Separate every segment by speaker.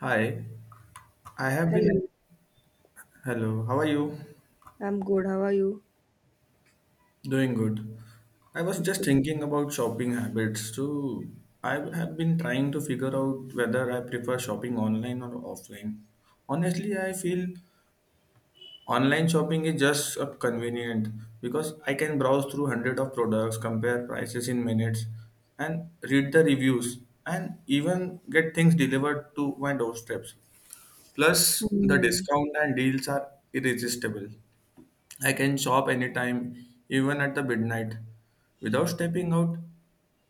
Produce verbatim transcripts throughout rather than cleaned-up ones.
Speaker 1: Hi, I have been.
Speaker 2: Hello,
Speaker 1: Hello, how are you?
Speaker 2: I'm good. How are you?
Speaker 1: Doing good. I was just
Speaker 2: Okay.
Speaker 1: thinking about shopping habits too. I have been trying to figure out whether I prefer shopping online or offline. Honestly, I feel online shopping is just uh, convenient because I can browse through hundred of products, compare prices in minutes, and read the reviews, and even get things delivered to my doorsteps. Plus, the
Speaker 2: Hmm.
Speaker 1: discount and deals are irresistible. I can shop anytime, even at the midnight, without stepping out.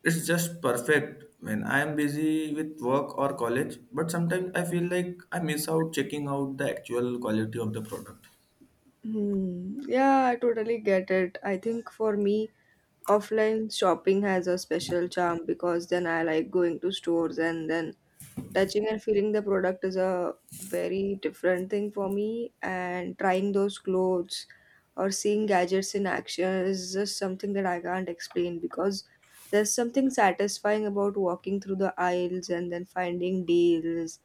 Speaker 1: It's just perfect when I am busy with work or college, but sometimes I feel like I miss out checking out the actual quality of the product.
Speaker 2: Hmm. Yeah, I totally get it. I think for me, offline shopping has a special charm because then I like going to stores and then touching and feeling the product is a very different thing for me. And trying those clothes or seeing gadgets in action is just something that I can't explain because there's something satisfying about walking through the aisles and then finding deals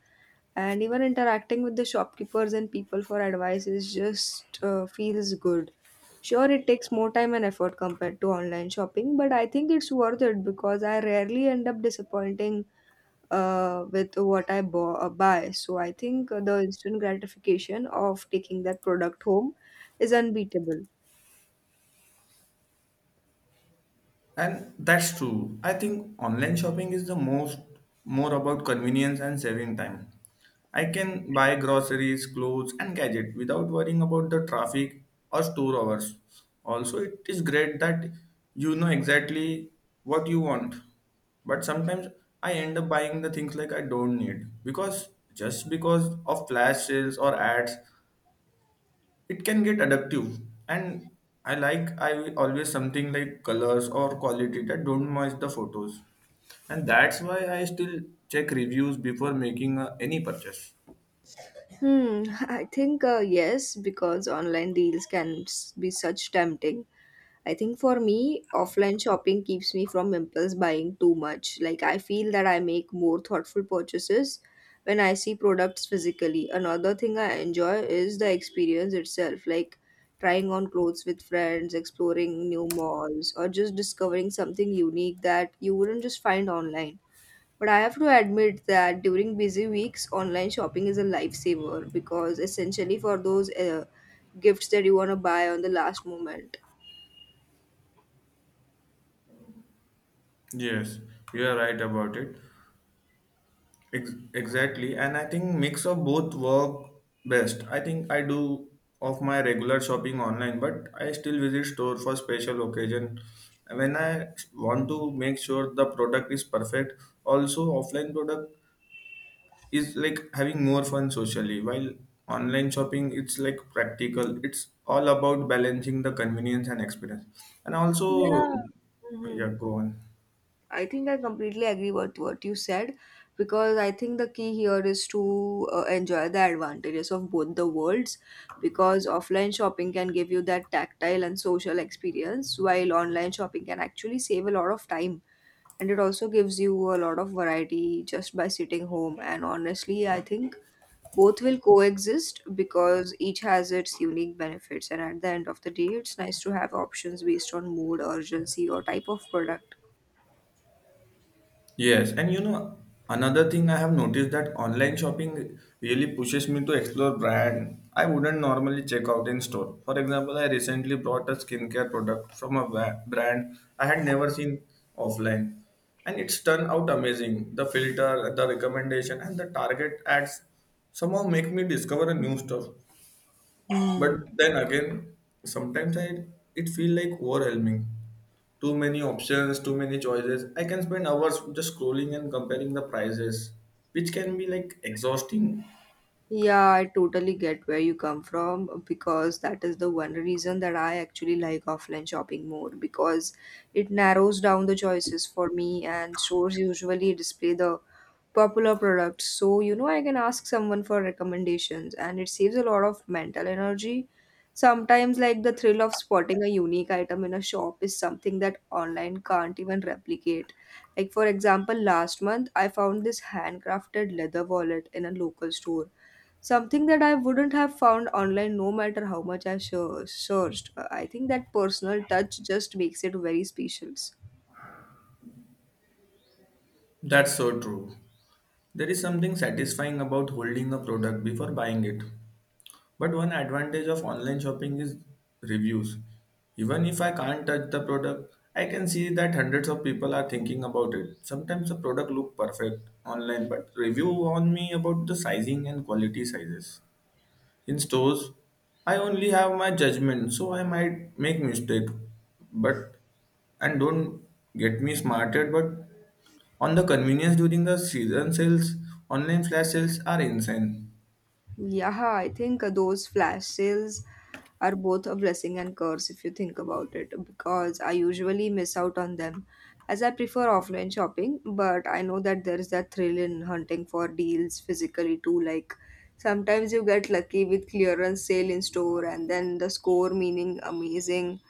Speaker 2: and even interacting with the shopkeepers and people for advice is just uh, feels good. Sure, it takes more time and effort compared to online shopping, but I think it's worth it because I rarely end up disappointing uh, with what i bo- uh, buy. So I think the instant gratification of taking that product home is unbeatable.
Speaker 1: And that's true. I think online shopping is the most more about convenience and saving time. I can buy groceries, clothes, and gadgets without worrying about the traffic or store hours. Also, it is great that you know exactly what you want. But sometimes I end up buying the things like I don't need because just because of flash sales or ads, it can get adaptive, and I like I always something like colors or quality that don't match the photos, and that's why I still check reviews before making uh, any purchase.
Speaker 2: Hmm. I think uh, yes, because online deals can s- be such tempting. I think for me, offline shopping keeps me from impulse buying too much. Like, I feel that I make more thoughtful purchases when I see products physically. Another thing I enjoy is the experience itself, like trying on clothes with friends, exploring new malls, or just discovering something unique that you wouldn't just find online. But I have to admit that during busy weeks, online shopping is a lifesaver because essentially for those uh, gifts that you want to buy on the last moment.
Speaker 1: Yes, you are right about it. Ex- exactly, and I think mix of both work best. I think I do of my regular shopping online, but I still visit store for special occasion when I want to make sure the product is perfect. Also offline product is like having more fun socially, while online shopping it's like practical. It's all about balancing the convenience and experience. And also,
Speaker 2: Yeah.
Speaker 1: yeah,
Speaker 2: Hmm.
Speaker 1: go on.
Speaker 2: I think I completely agree with what you said because I think the key here is to uh, enjoy the advantages of both the worlds, because offline shopping can give you that tactile and social experience, while online shopping can actually save a lot of time, and it also gives you a lot of variety just by sitting home. And honestly, I think both will coexist because each has its unique benefits, and at the end of the day, it's nice to have options based on mood, urgency, or type of product.
Speaker 1: Yes, and you know, another thing I have noticed that online shopping really pushes me to explore brand I wouldn't normally check out in store. For example, I recently bought a skincare product from a ba- brand I had never seen offline, and it's turned out amazing. The filter, the recommendation, and the target ads somehow make me discover a new stuff. But then again, sometimes I it feel like overwhelming. Too many options, too many choices. I can spend hours just scrolling and comparing the prices, which can be like exhausting.
Speaker 2: Yeah, I totally get where you come from, because that is the one reason that I actually like offline shopping more, because it narrows down the choices for me and stores usually display the popular products. So, you know, I can ask someone for recommendations and it saves a lot of mental energy. Sometimes, like, the thrill of spotting a unique item in a shop is something that online can't even replicate. Like, for example, last month I found this handcrafted leather wallet in a local store. Something that I wouldn't have found online no matter how much I sur- searched. Uh, I think that personal touch just makes it very special.
Speaker 1: That's so true. There is something satisfying about holding a product before buying it, but one advantage of online shopping is reviews. Even if I can't touch the product, I can see that hundreds of people are thinking about it. Sometimes the product look perfect online, but review warn me about the sizing and quality sizes. In stores, I only have my judgment, so I might make mistake, but and don't get me smarted, but on the convenience during the season sales, online flash sales are insane.
Speaker 2: Yeah, I think uh, those flash sales are both a blessing and curse if you think about it, because I usually miss out on them as I prefer offline shopping, but I know that there is that thrill in hunting for deals physically too. Like, sometimes you get lucky with clearance sale in store and then the score meaning amazing.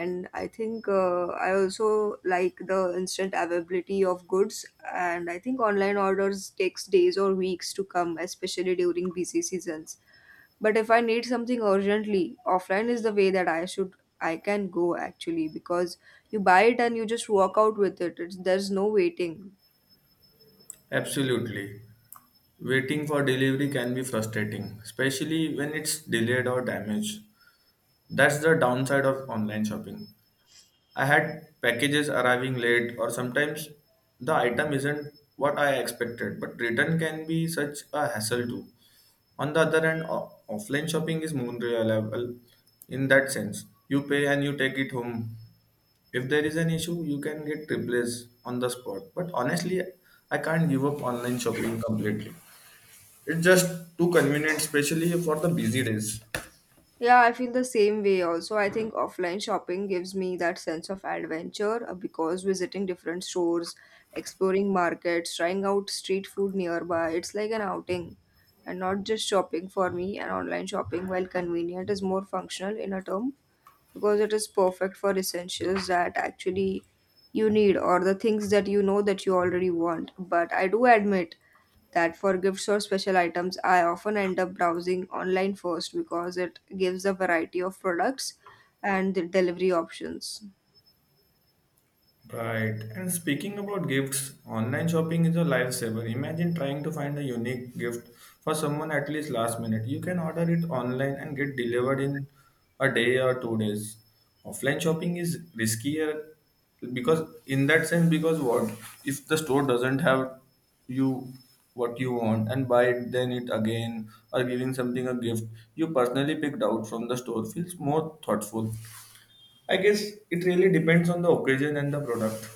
Speaker 2: And I think uh, I also like the instant availability of goods, and I think online orders takes days or weeks to come, especially during busy seasons. But if I need something urgently, offline is the way that I should, I can go actually, because you buy it and you just walk out with it. It's, there's no waiting.
Speaker 1: Absolutely. Waiting for delivery can be frustrating, especially when it's delayed or damaged. That's the downside of online shopping. I had packages arriving late, or sometimes the item isn't what I expected, but return can be such a hassle too. On the other hand, o- offline shopping is more reliable in that sense. You pay and you take it home. If there is an issue, you can get replaced on the spot. But honestly, I can't give up online shopping completely. It's just too convenient, especially for the busy days.
Speaker 2: Yeah, I feel the same way also. I think offline shopping gives me that sense of adventure uh, because visiting different stores, exploring markets, trying out street food nearby, it's like an outing. And not just shopping for me. And online shopping, while convenient, is more functional in a term because it is perfect for essentials that actually you need, or the things that you know that you already want. But I do admit that for gifts or special items, I often end up browsing online first because it gives a variety of products and the delivery options.
Speaker 1: Right. And speaking about gifts, online shopping is a lifesaver. Imagine trying to find a unique gift for someone at least last minute. You can order it online and get delivered in a day or two days. Offline shopping is riskier because in that sense because what if the store doesn't have you what you want and buy it then it again, or giving something a gift you personally picked out from the store feels more thoughtful. I guess it really depends on the occasion and the product.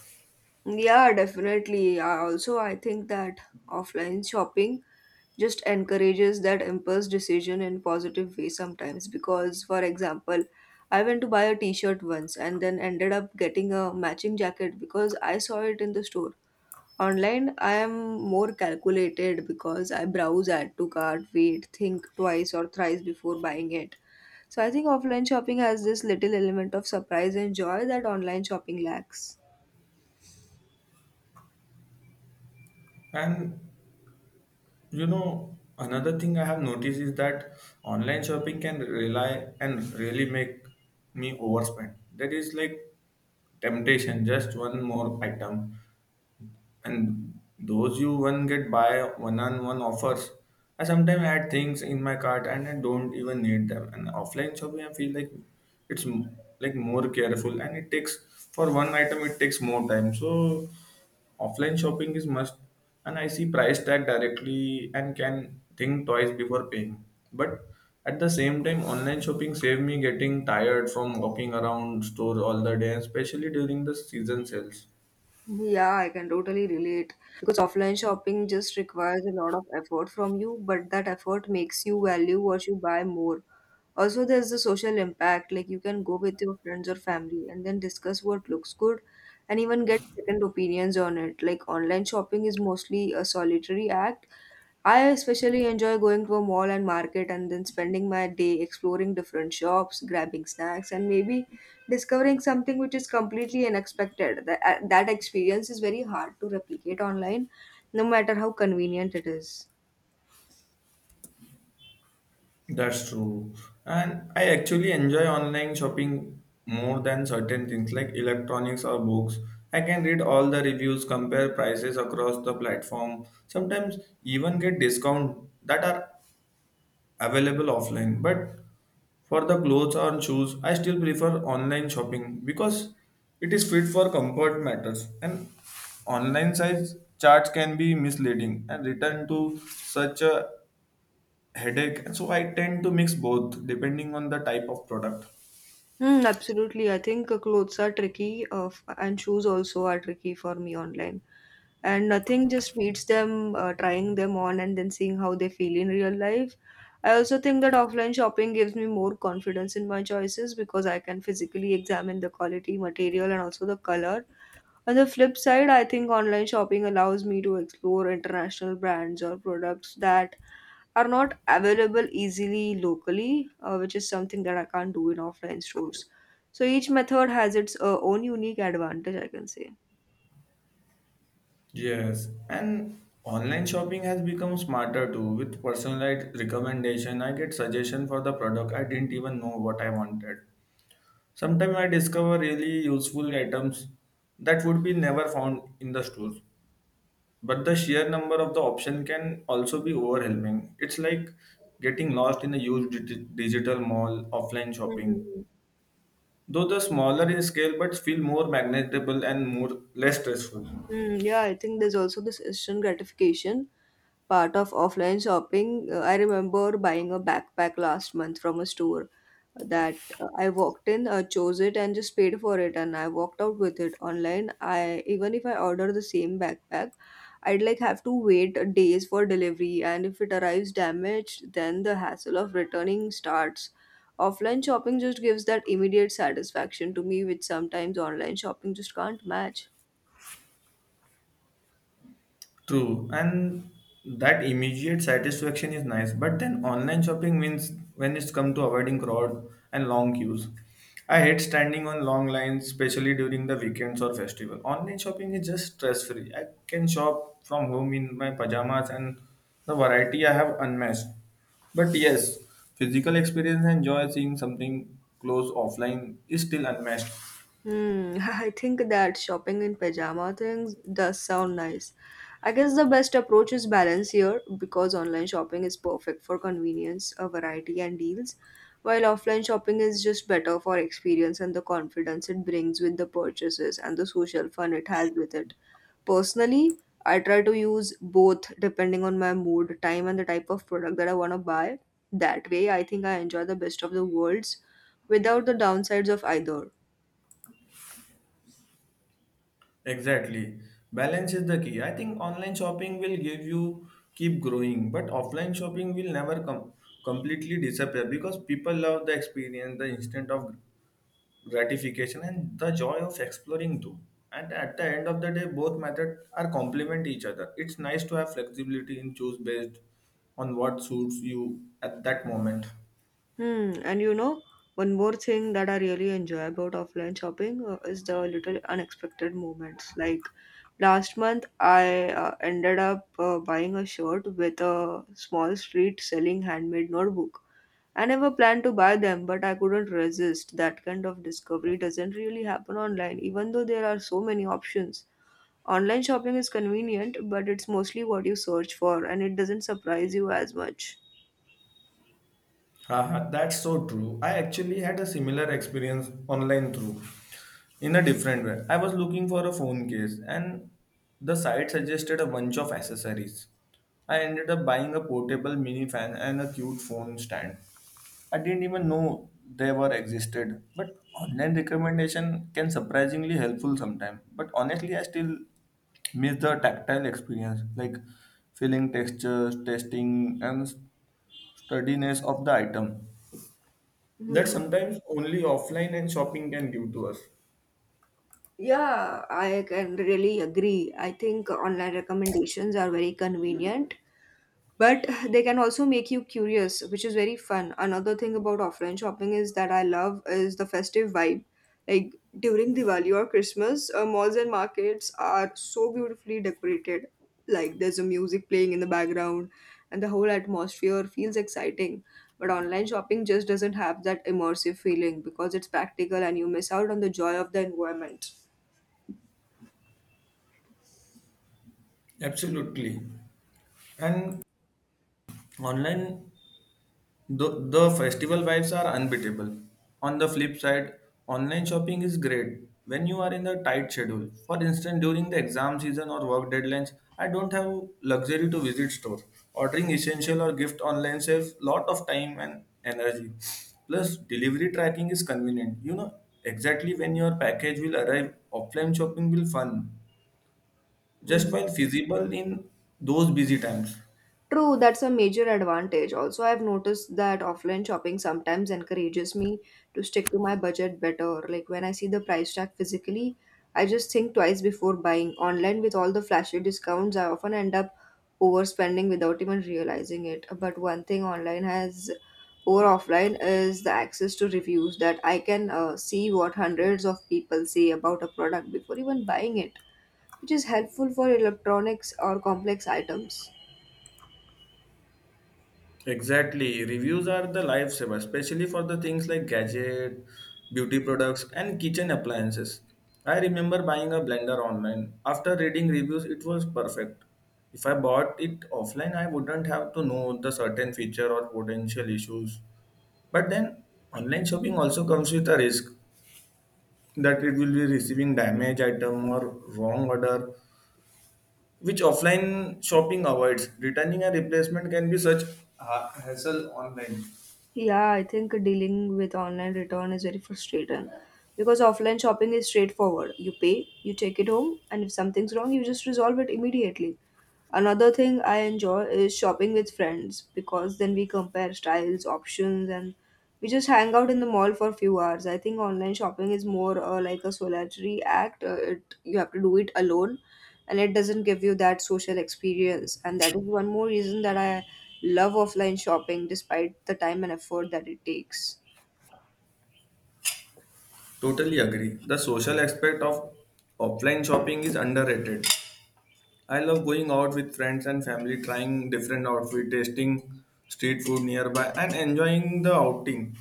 Speaker 2: Yeah, definitely. I also I think that offline shopping just encourages that impulse decision in positive way sometimes, because for example, I went to buy a t-shirt once and then ended up getting a matching jacket because I saw it in the store. Online, I am more calculated because I browse, add to cart, wait, think twice or thrice before buying it. So I think offline shopping has this little element of surprise and joy that online shopping lacks.
Speaker 1: And you know, another thing I have noticed is that online shopping can rely and really make me overspend. That is like temptation, just one more item and those you one get buy one on one offers. I sometimes add things in my cart and I don't even need them. And offline shopping, I feel like it's m- like more careful and it takes for one item it takes more time. So offline shopping is must, and I see price tag directly and can think twice before paying. But at the same time, online shopping save me getting tired from walking around store all the day, especially during the season sales.
Speaker 2: Yeah, I can totally relate, because offline shopping just requires a lot of effort from you, but that effort makes you value what you buy more. Also, there's the social impact, like you can go with your friends or family and then discuss what looks good and even get second opinions on it. Like, online shopping is mostly a solitary act. I especially enjoy going to a mall and market and then spending my day exploring different shops, grabbing snacks, and maybe discovering something which is completely unexpected. That, that experience is very hard to replicate online, no matter how convenient it is.
Speaker 1: That's true. And I actually enjoy online shopping more than certain things like electronics or books. I can read all the reviews, compare prices across the platform, sometimes even get discount that are available offline. But for the clothes or shoes, I still prefer online shopping because it is fit for comfort matters. And online size charts can be misleading and return to such a headache, and so I tend to mix both depending on the type of product.
Speaker 2: Mm, absolutely. I think uh, clothes are tricky, uh, f- and shoes also are tricky for me online. And nothing just beats them uh, trying them on and then seeing how they feel in real life. I also think that offline shopping gives me more confidence in my choices because I can physically examine the quality, material, and also the color. On the flip side, I think online shopping allows me to explore international brands or products that are not available easily locally, uh, which is something that I can't do in offline stores. So each method has its uh, own unique advantage, I can say.
Speaker 1: Yes, and online shopping has become smarter too with personalized recommendation. I get suggestion for the product I didn't even know what I wanted. Sometimes I discover really useful items that would be never found in the stores, but the sheer number of the option can also be overwhelming. It's like getting lost in a huge digi- digital mall. Offline shopping,
Speaker 2: Mhm.
Speaker 1: though the smaller in scale, but feel more magnetable and more less stressful.
Speaker 2: Mm, yeah, I think there's also this instant gratification part of offline shopping. Uh, I remember buying a backpack last month from a store that uh, I walked in, uh, chose it, and just paid for it, and I walked out with it. Online, I even if I order the same backpack, I'd like have to wait days for delivery, and if it arrives damaged, then the hassle of returning starts. Offline shopping just gives that immediate satisfaction to me, which sometimes online shopping just can't match.
Speaker 1: True, and that immediate satisfaction is nice. But then online shopping means when it's come to avoiding crowd and long queues. I hate standing on long lines, especially during the weekends or festival. Online shopping is just stress free. I can shop from home in my pajamas, and the variety I have unmatched. But yes, physical experience and joy seeing something close offline is still unmatched.
Speaker 2: Hmm. I think that shopping in pajama things does sound nice. I guess the best approach is balance here, because online shopping is perfect for convenience, a variety, and deals, while offline shopping is just better for experience and the confidence it brings with the purchases and the social fun it has with it. Personally, I try to use both depending on my mood, time, and the type of product that I want to buy. That way, I think I enjoy the best of the worlds without the downsides of either.
Speaker 1: Exactly. Balance is the key. I think online shopping will give you keep growing, but offline shopping will never come completely disappear because people love the experience, the instant of gratification, and the joy of exploring too. And at the end of the day, both methods are complement each other. It's nice to have flexibility in choose based on what suits you at that moment.
Speaker 2: Hmm. And you know, one more thing that I really enjoy about offline shopping uh, is the little unexpected moments. Like last month, I uh, ended up uh, buying a shirt with a small street selling handmade notebook. I never planned to buy them, but I couldn't resist. That kind of discovery doesn't really happen online, even though there are so many options. Online shopping is convenient, but it's mostly what you search for, and it doesn't surprise you as much.
Speaker 1: Haha, that's so true. I actually had a similar experience online through in a different way. I was looking for a phone case and the site suggested a bunch of accessories. I ended up buying a portable mini fan and a cute phone stand. I didn't even know they were existed. But online recommendation can surprisingly helpful sometimes. But honestly, I still miss the tactile experience, like feeling textures, testing, and sturdiness of the item that
Speaker 2: Hmm.
Speaker 1: sometimes only offline and shopping can give to us.
Speaker 2: Yeah, I can really agree. I think online recommendations are very convenient, but they can also make you curious, which is very fun. Another thing about offline shopping is that I love is the festive vibe. Like during Diwali or Christmas, uh, malls and markets are so beautifully decorated. Like there's a music playing in the background, and the whole atmosphere feels exciting. But online shopping just doesn't have that immersive feeling because it's practical and you miss out on the joy of the environment.
Speaker 1: Absolutely. And online The, the festival vibes are unbeatable. On the flip side, online shopping is great when you are in a tight schedule. For instance, during the exam season or work deadlines, I don't have luxury to visit store. Ordering essential or gift online saves lot of time and energy. Plus, delivery tracking is convenient. You know exactly when your package will arrive. Offline shopping will fun just
Speaker 2: Mhm.
Speaker 1: while feasible in those busy times.
Speaker 2: True, that's a major advantage. Also, I've noticed that offline shopping sometimes encourages me to stick to my budget better. Like when I see the price tag physically, I just think twice before buying. Online, with all the flashy discounts, I often end up overspending without even realizing it. But one thing online has over offline is the access to reviews, that I can uh, see what hundreds of people say about a product before even buying it, which is helpful for electronics or complex items.
Speaker 1: Exactly. Reviews are the lifesaver, especially for the things like gadget, beauty products, and kitchen appliances. I remember buying a blender online. After reading reviews, it was perfect. If I bought it offline, I wouldn't have to know the certain feature or potential issues. But then, online shopping also comes with a risk that it will be receiving damaged item or wrong order, which offline shopping avoids. Returning a replacement can be such a hassle online.
Speaker 2: Yeah, I think dealing with online return is very frustrating because offline shopping is straightforward. You pay, you take it home, and if something's wrong, you just resolve it immediately. Another thing I enjoy is shopping with friends because then we compare styles, options, and we just hang out in the mall for a few hours. I think online shopping is more uh, like a solitary act. Uh, it you have to do it alone, and it doesn't give you that social experience. And that is one more reason that I love offline shopping, despite the time and effort that it takes.
Speaker 1: Totally agree. The social aspect of offline shopping is underrated. I love going out with friends and family, trying different outfits, tasting street food nearby, and enjoying the outing.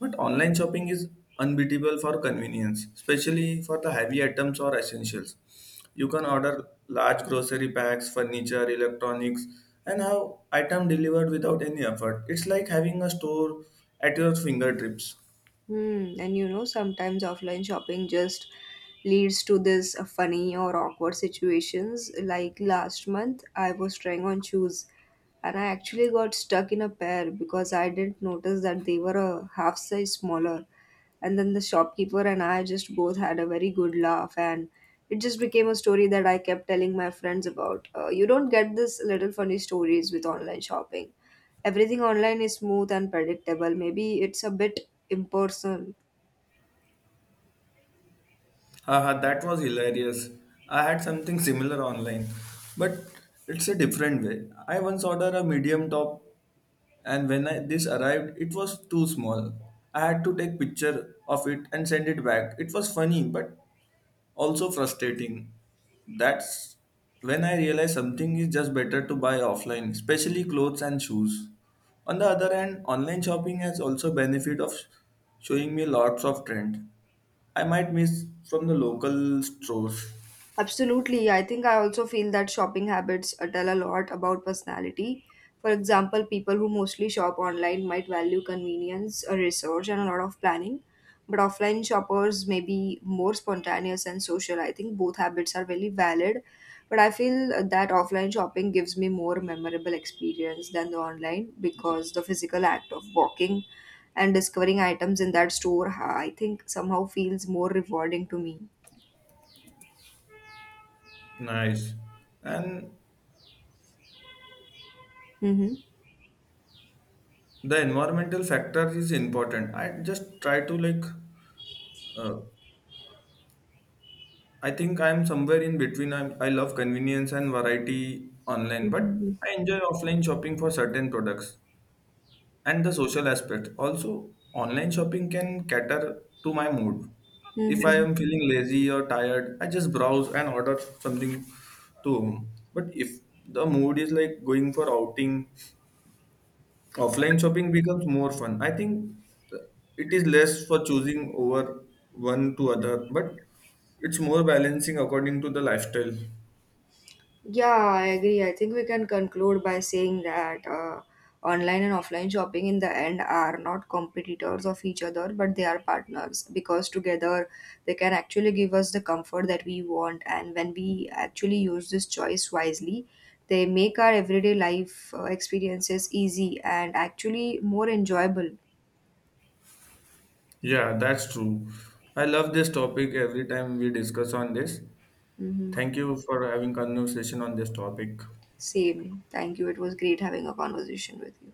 Speaker 1: But online shopping is unbeatable for convenience, especially for the heavy items or essentials. You can order large grocery packs, furniture, electronics, and have item delivered without any effort. It's like having a store at your fingertips.
Speaker 2: Hmm. And you know, sometimes offline shopping just leads to this uh, funny or awkward situations. Like last month, I was trying on shoes and I actually got stuck in a pair because I didn't notice that they were a half size smaller. And then the shopkeeper and I just both had a very good laugh, and it just became a story that I kept telling my friends about. Uh, you don't get this little funny stories with online shopping. Everything online is smooth and predictable, maybe it's a bit impersonal.
Speaker 1: Haha, that was hilarious. I had something similar online, but it's a different way. I once ordered a medium top, and when I, this arrived, it was too small. I had to take picture of it and send it back. It was funny, but also frustrating. That's when I realize something is just better to buy offline, especially clothes and shoes. On the other hand, online shopping has also benefit of showing me lots of trend. I might miss from the local stores.
Speaker 2: Absolutely. I think I also feel that shopping habits uh, tell a lot about personality. For example, people who mostly shop online might value convenience, uh, research, and a lot of planning. But offline shoppers may be more spontaneous and social. I think both habits are very valid. But I feel uh, that offline shopping gives me more memorable experience than the online, because the physical act of walking and discovering items in that store, uh, I think, somehow feels more rewarding to me.
Speaker 1: Nice. And
Speaker 2: Hmm.
Speaker 1: the environmental factor is important. I just try to like uh, I think I'm somewhere in between. i I love convenience and variety online, but I enjoy offline shopping for certain products, and the social aspect also. Online shopping can cater to my mood. If I
Speaker 2: Hmm.
Speaker 1: am feeling lazy or tired, I just browse and order something to home. But if the mood is like going for outing, offline shopping becomes more fun, I think. uh, it is less for choosing over one to other, but it's more balancing according to the lifestyle.
Speaker 2: Yeah, I agree. I think we can conclude by saying that uh, online and offline shopping in the end are not competitors of each other, but they are partners, because together they can actually give us the comfort that we want. And when we actually use this choice wisely, they make our everyday life uh, experiences easy and actually more enjoyable.
Speaker 1: Yeah, that's true. I love this topic every time we discuss on this.
Speaker 2: Hmm.
Speaker 1: Thank you for having conversation on this topic.
Speaker 2: Same. Thank you. It was great having a conversation with you.